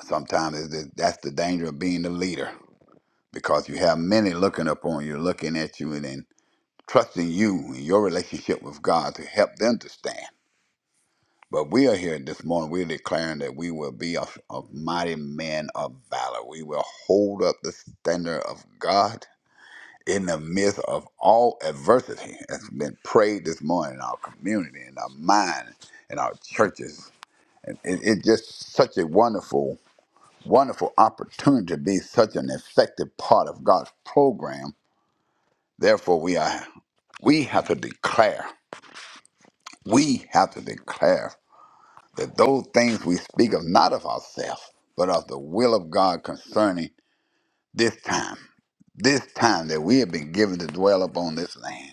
B: Sometimes it's the- that's the danger of being the leader because you have many looking upon you, looking at you, and then trusting you and your relationship with God to help them to stand. But we are here this morning. We're declaring that we will be a, a mighty man of valor. We will hold up the standard of God in the midst of all adversity that's been prayed this morning in our community, in our mind, in our churches. And it, it's just such a wonderful, wonderful opportunity to be such an effective part of God's program. Therefore, we are we have to declare, we have to declare that those things we speak of not of ourselves, but of the will of God concerning this time, this time that we have been given to dwell upon this land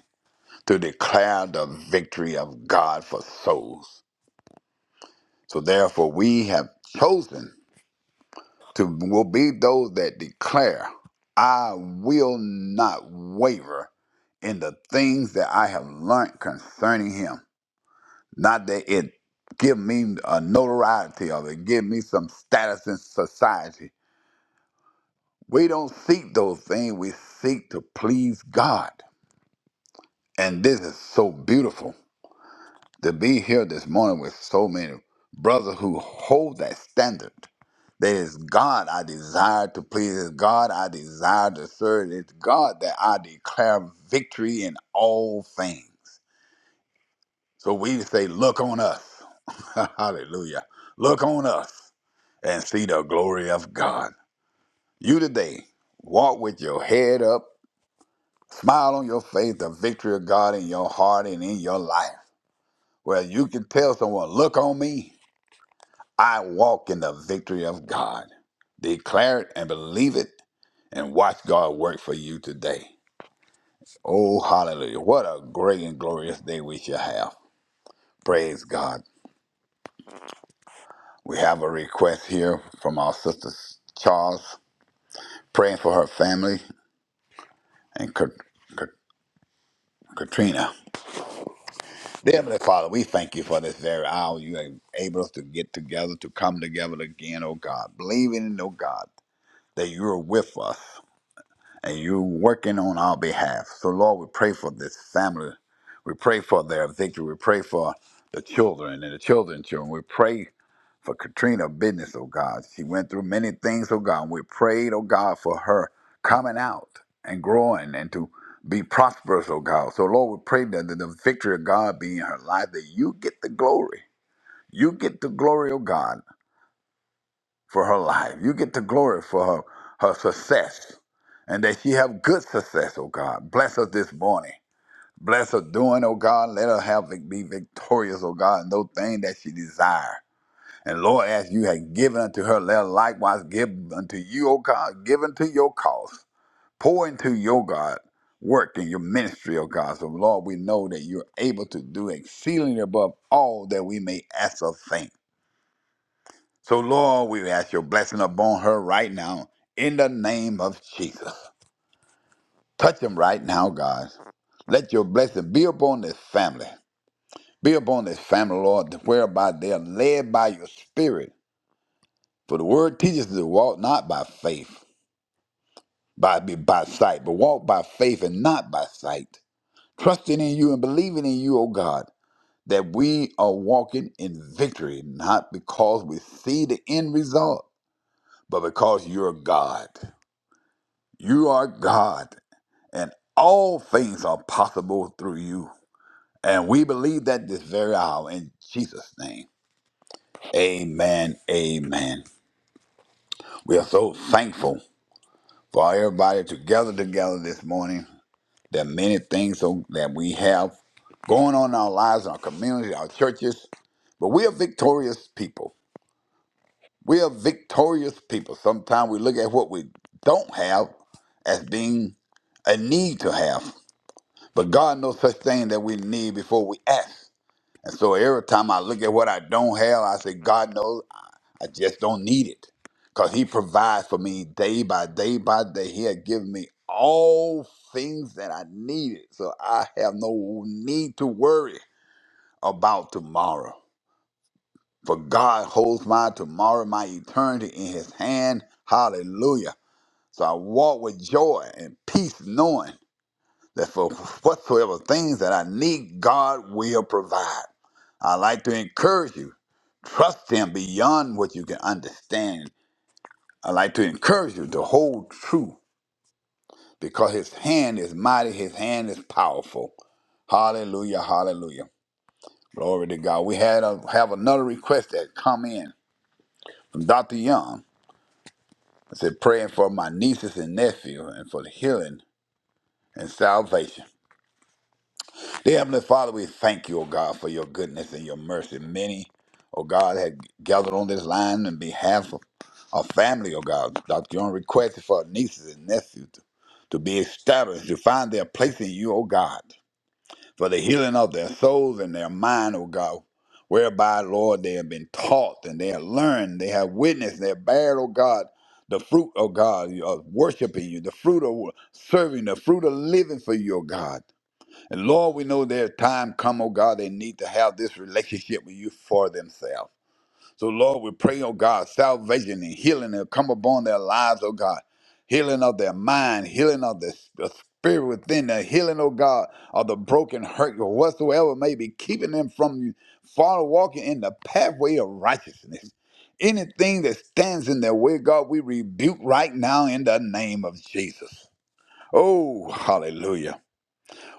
B: to declare the victory of God for souls. So therefore, we have chosen to will be those that declare, I will not waver in the things that I have learned concerning him. Not that it give me a notoriety or it give me some status in society. We don't seek those things. We seek to please God. And this is so beautiful to be here this morning with so many brothers who hold that standard. That is God I desire to please. It's God I desire to serve. It's God that I declare victory in all things. So we say, look on us. Hallelujah. Look on us and see the glory of God. You today, walk with your head up, smile on your face, the victory of God in your heart and in your life. Where you can tell someone, look on me. I walk in the victory of God. Declare it and believe it and watch God work for you today. Oh, hallelujah. What a great and glorious day we shall have. Praise God. We have a request here from our sister Charles, praying for her family and Ka- Ka- Katrina. Dear Heavenly Father, we thank you for this very hour you have able us to get together, to come together again, oh God, believing, oh God, that you are with us. and you're working on our behalf. So, Lord, we pray for this family. We pray for their victory. We pray for the children and the children's children. We pray for Katrina business, oh God. She went through many things, oh God. And we prayed, oh God, for her coming out and growing and to be prosperous, oh God. So, Lord, we pray that the the victory of God be in her life, that you get the glory. You get the glory, oh God for her life. You get the glory for her, her success and that she have good success, oh God. Bless her this morning. Bless her doing, oh God. Let her have be victorious, oh God, in those things that she desire. And Lord, as you have given unto her, let her likewise give unto you, oh God, give unto your cause. Pour into your God work in your ministry, oh God. So Lord, we know that you're able to do exceedingly above all that we may ask or think. So, Lord, we ask your blessing upon her right now in the name of Jesus. Touch him right now, God. Let your blessing be upon this family. Be upon this family, Lord, whereby they are led by your spirit. For the word teaches us to walk not by faith, by, by sight, but walk by faith and not by sight. Trusting in you and believing in you, O God, that we are walking in victory, not because we see the end result, but because you're God. You are God, and all things are possible through you. And we believe that this very hour in Jesus' name. Amen. Amen. We are so thankful for everybody to gather together this morning. There are many things so, that we have going on in our lives, our community, our churches. But we are victorious people. We are victorious people. Sometimes we look at what we don't have as being a need to have. But God knows such thing that we need before we ask. And so every time I look at what I don't have, I say, God knows I I just don't need it. Because He provides for me day by day by day. He had given me all things that I needed. So I have no need to worry about tomorrow. For God holds my tomorrow, my eternity in His hand. Hallelujah. So I walk with joy and peace, knowing that for whatsoever things that I need, God will provide. I like to encourage you, trust Him beyond what you can understand. I like to encourage you to hold true because His hand is mighty, His hand is powerful. Hallelujah, hallelujah. Glory to God. We had a, have another request that come in from Dr. Young. I said, praying for my nieces and nephew and for the healing and salvation. Dear Heavenly Father, we thank you, O God, for your goodness and your mercy. Many, O God, had gathered on this line in behalf of our family, O God. Dr. John requested for our nieces and nephews to, to be established, to find their place in you, O God, for the healing of their souls and their mind, O God, whereby, Lord, they have been taught and they have learned, they have witnessed, they have bared, O God, the fruit, O God, of worshiping you, the fruit of serving, the fruit of living for you, O God. And Lord, we know their time come, oh God, they need to have this relationship with you for themselves. So Lord, we pray, oh God, salvation and healing will come upon their lives, oh God. Healing of their mind, healing of the, the spirit within them, healing, oh God, of the broken hurt or whatsoever may be keeping them from you, far walking in the pathway of righteousness. Anything that stands in their way, God, we rebuke right now in the name of Jesus. Oh, hallelujah.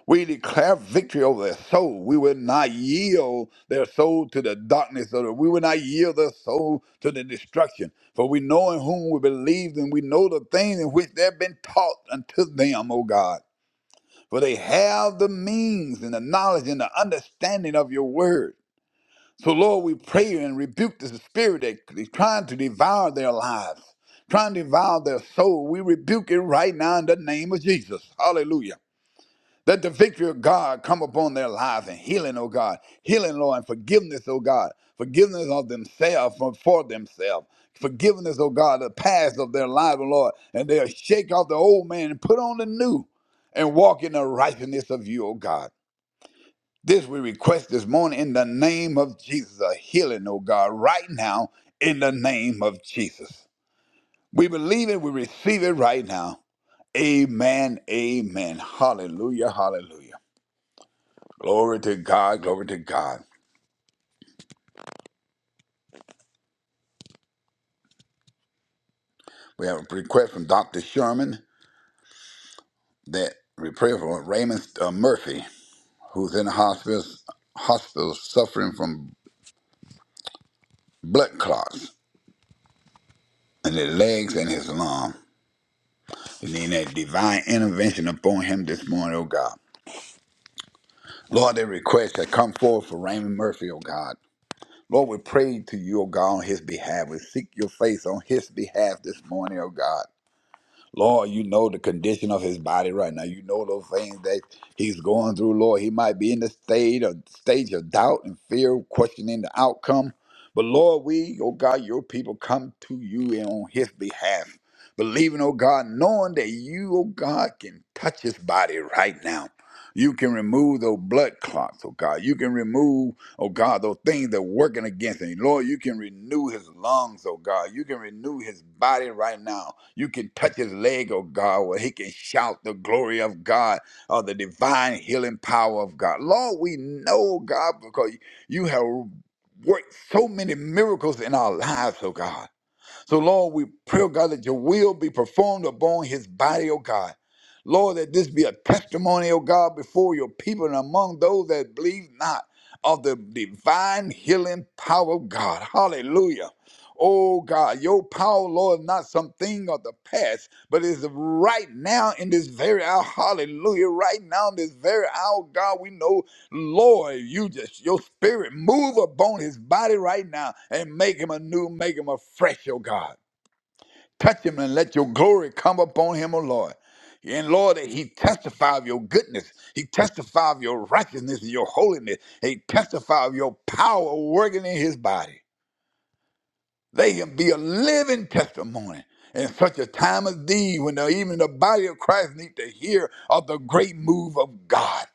B: We declare victory over their soul. We will not yield their soul to the darkness of the. We will not yield their soul to the destruction. For we know in whom we believe, and we know the things in which they've been taught unto them, O God. For they have the means and the knowledge and the understanding of your word. So, Lord, we pray and rebuke the spirit that is trying to devour their lives, trying to devour their soul. We rebuke it right now in the name of Jesus. Hallelujah. Let the victory of God come upon their lives and healing, oh God. Healing, Lord, and forgiveness, oh God. Forgiveness of themselves for, for themselves. Forgiveness, oh God, the past of their lives, oh Lord. And they'll shake off the old man and put on the new and walk in the righteousness of you, oh God. This we request this morning in the name of Jesus, a healing, oh God, right now in the name of Jesus. We believe it, we receive it right now. Amen, amen. Hallelujah, hallelujah. Glory to God. Glory to God. We have a request from Dr. Sherman that we pray for Raymond uh, Murphy, who's in the hospital, hospital suffering from blood clots in his legs and his lung. We need that divine intervention upon him this morning, oh God. Lord, the request that come forward for Raymond Murphy, oh God. Lord, we pray to you, oh God, on his behalf. We seek your face on his behalf this morning, oh God. Lord, you know the condition of his body right now. You know those things that he's going through, Lord. He might be in the state of stage of doubt and fear, questioning the outcome. But Lord, we, oh God, your people come to you and on his behalf, believing, oh God, knowing that you, oh God, can touch his body right now. You can remove those blood clots, oh God. You can remove, oh God, those things that are working against him. Lord, you can renew his lungs, oh God. You can renew his body right now. You can touch his leg, oh God, where he can shout the glory of God or the divine healing power of God. Lord, we know, oh God, because you have worked so many miracles in our lives, oh God. So, Lord, we pray, oh God, that your will be performed upon his body, oh God. Lord, that this be a testimony, oh God, before your people and among those that believe not of the divine healing power of God. Hallelujah. Oh God, your power, Lord, is not something of the past, but is right now in this very hour. Hallelujah. Right now in this very hour, God, we know Lord, you just your spirit move upon his body right now and make him anew, make him afresh, oh God. Touch him and let your glory come upon him, O Lord. And Lord, that he testify of your goodness. He testify of your righteousness and your holiness. He testify of your power working in his body. They can be a living testimony in such a time as these when the, even the body of Christ need to hear of the great move of God.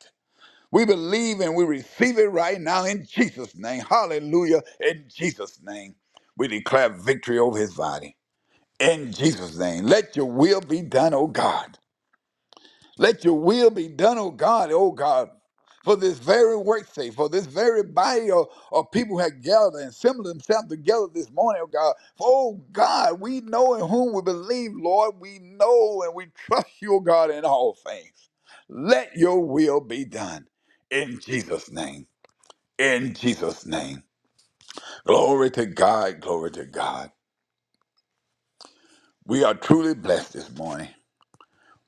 B: We believe and we receive it right now in Jesus' name. Hallelujah. In Jesus' name. We declare victory over his body. In Jesus' name. Let your will be done, O God. Let your will be done, O God, O God, for this very workspace, for this very body of, of people who have gathered and assembled themselves together this morning, O God. For, oh God, we know in whom we believe, Lord. We know and we trust you, O God, in all things. Let your will be done in Jesus' name. In Jesus' name. Glory to God, glory to God. We are truly blessed this morning.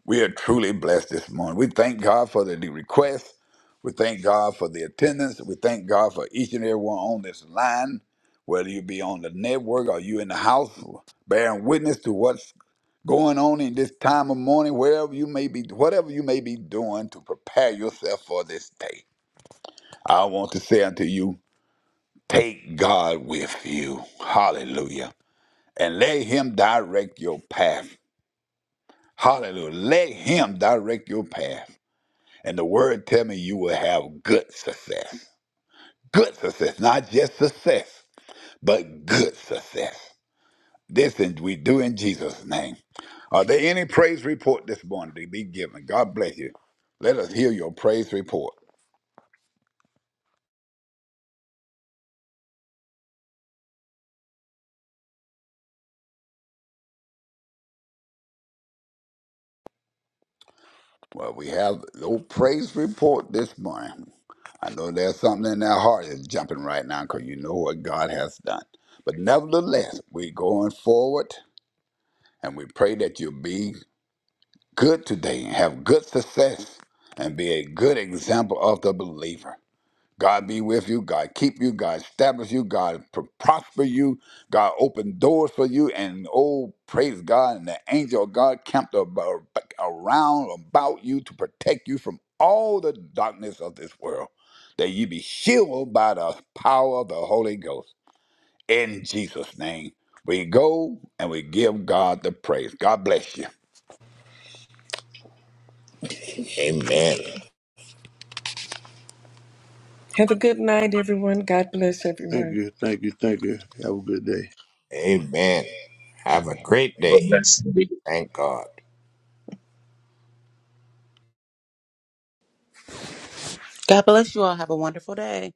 B: We are truly blessed this morning. We thank God for the requests. We thank God for the attendance. We thank God for each and every one on this line, whether you be on the network or you in the house, bearing witness to what's going on in this time of morning, wherever you may be, whatever you may be doing to prepare yourself for this day. I want to say unto you, take God with you. Hallelujah. And let him direct your path. Hallelujah. Let him direct your path. And the word tell me you will have good success. Good success, not just success, but good success. This and we do in Jesus' name. Are there any praise report this morning to be given? God bless you. Let us hear your praise report. Well, we have no praise report this morning. I know there's something in their heart that's jumping right now because you know what God has done. But nevertheless, we're going forward and we pray that you be good today have good success and be a good example of the believer. God be with you. God keep you. God establish you. God pr- prosper you. God open doors for you. And oh, praise God. And the angel of God camped abo- around about you to protect you from all the darkness of this world. That you be shielded by the power of the Holy Ghost. In Jesus' name, we go and we give God the praise. God bless you.
C: Amen. Have a good night, everyone. God bless
E: Thank
C: everyone.
E: you, thank you, thank you. Have a good day.
C: Amen. Have a great
D: Have a
C: day.
D: blessed day.
C: Thank God.
F: God bless you all. Have a wonderful day.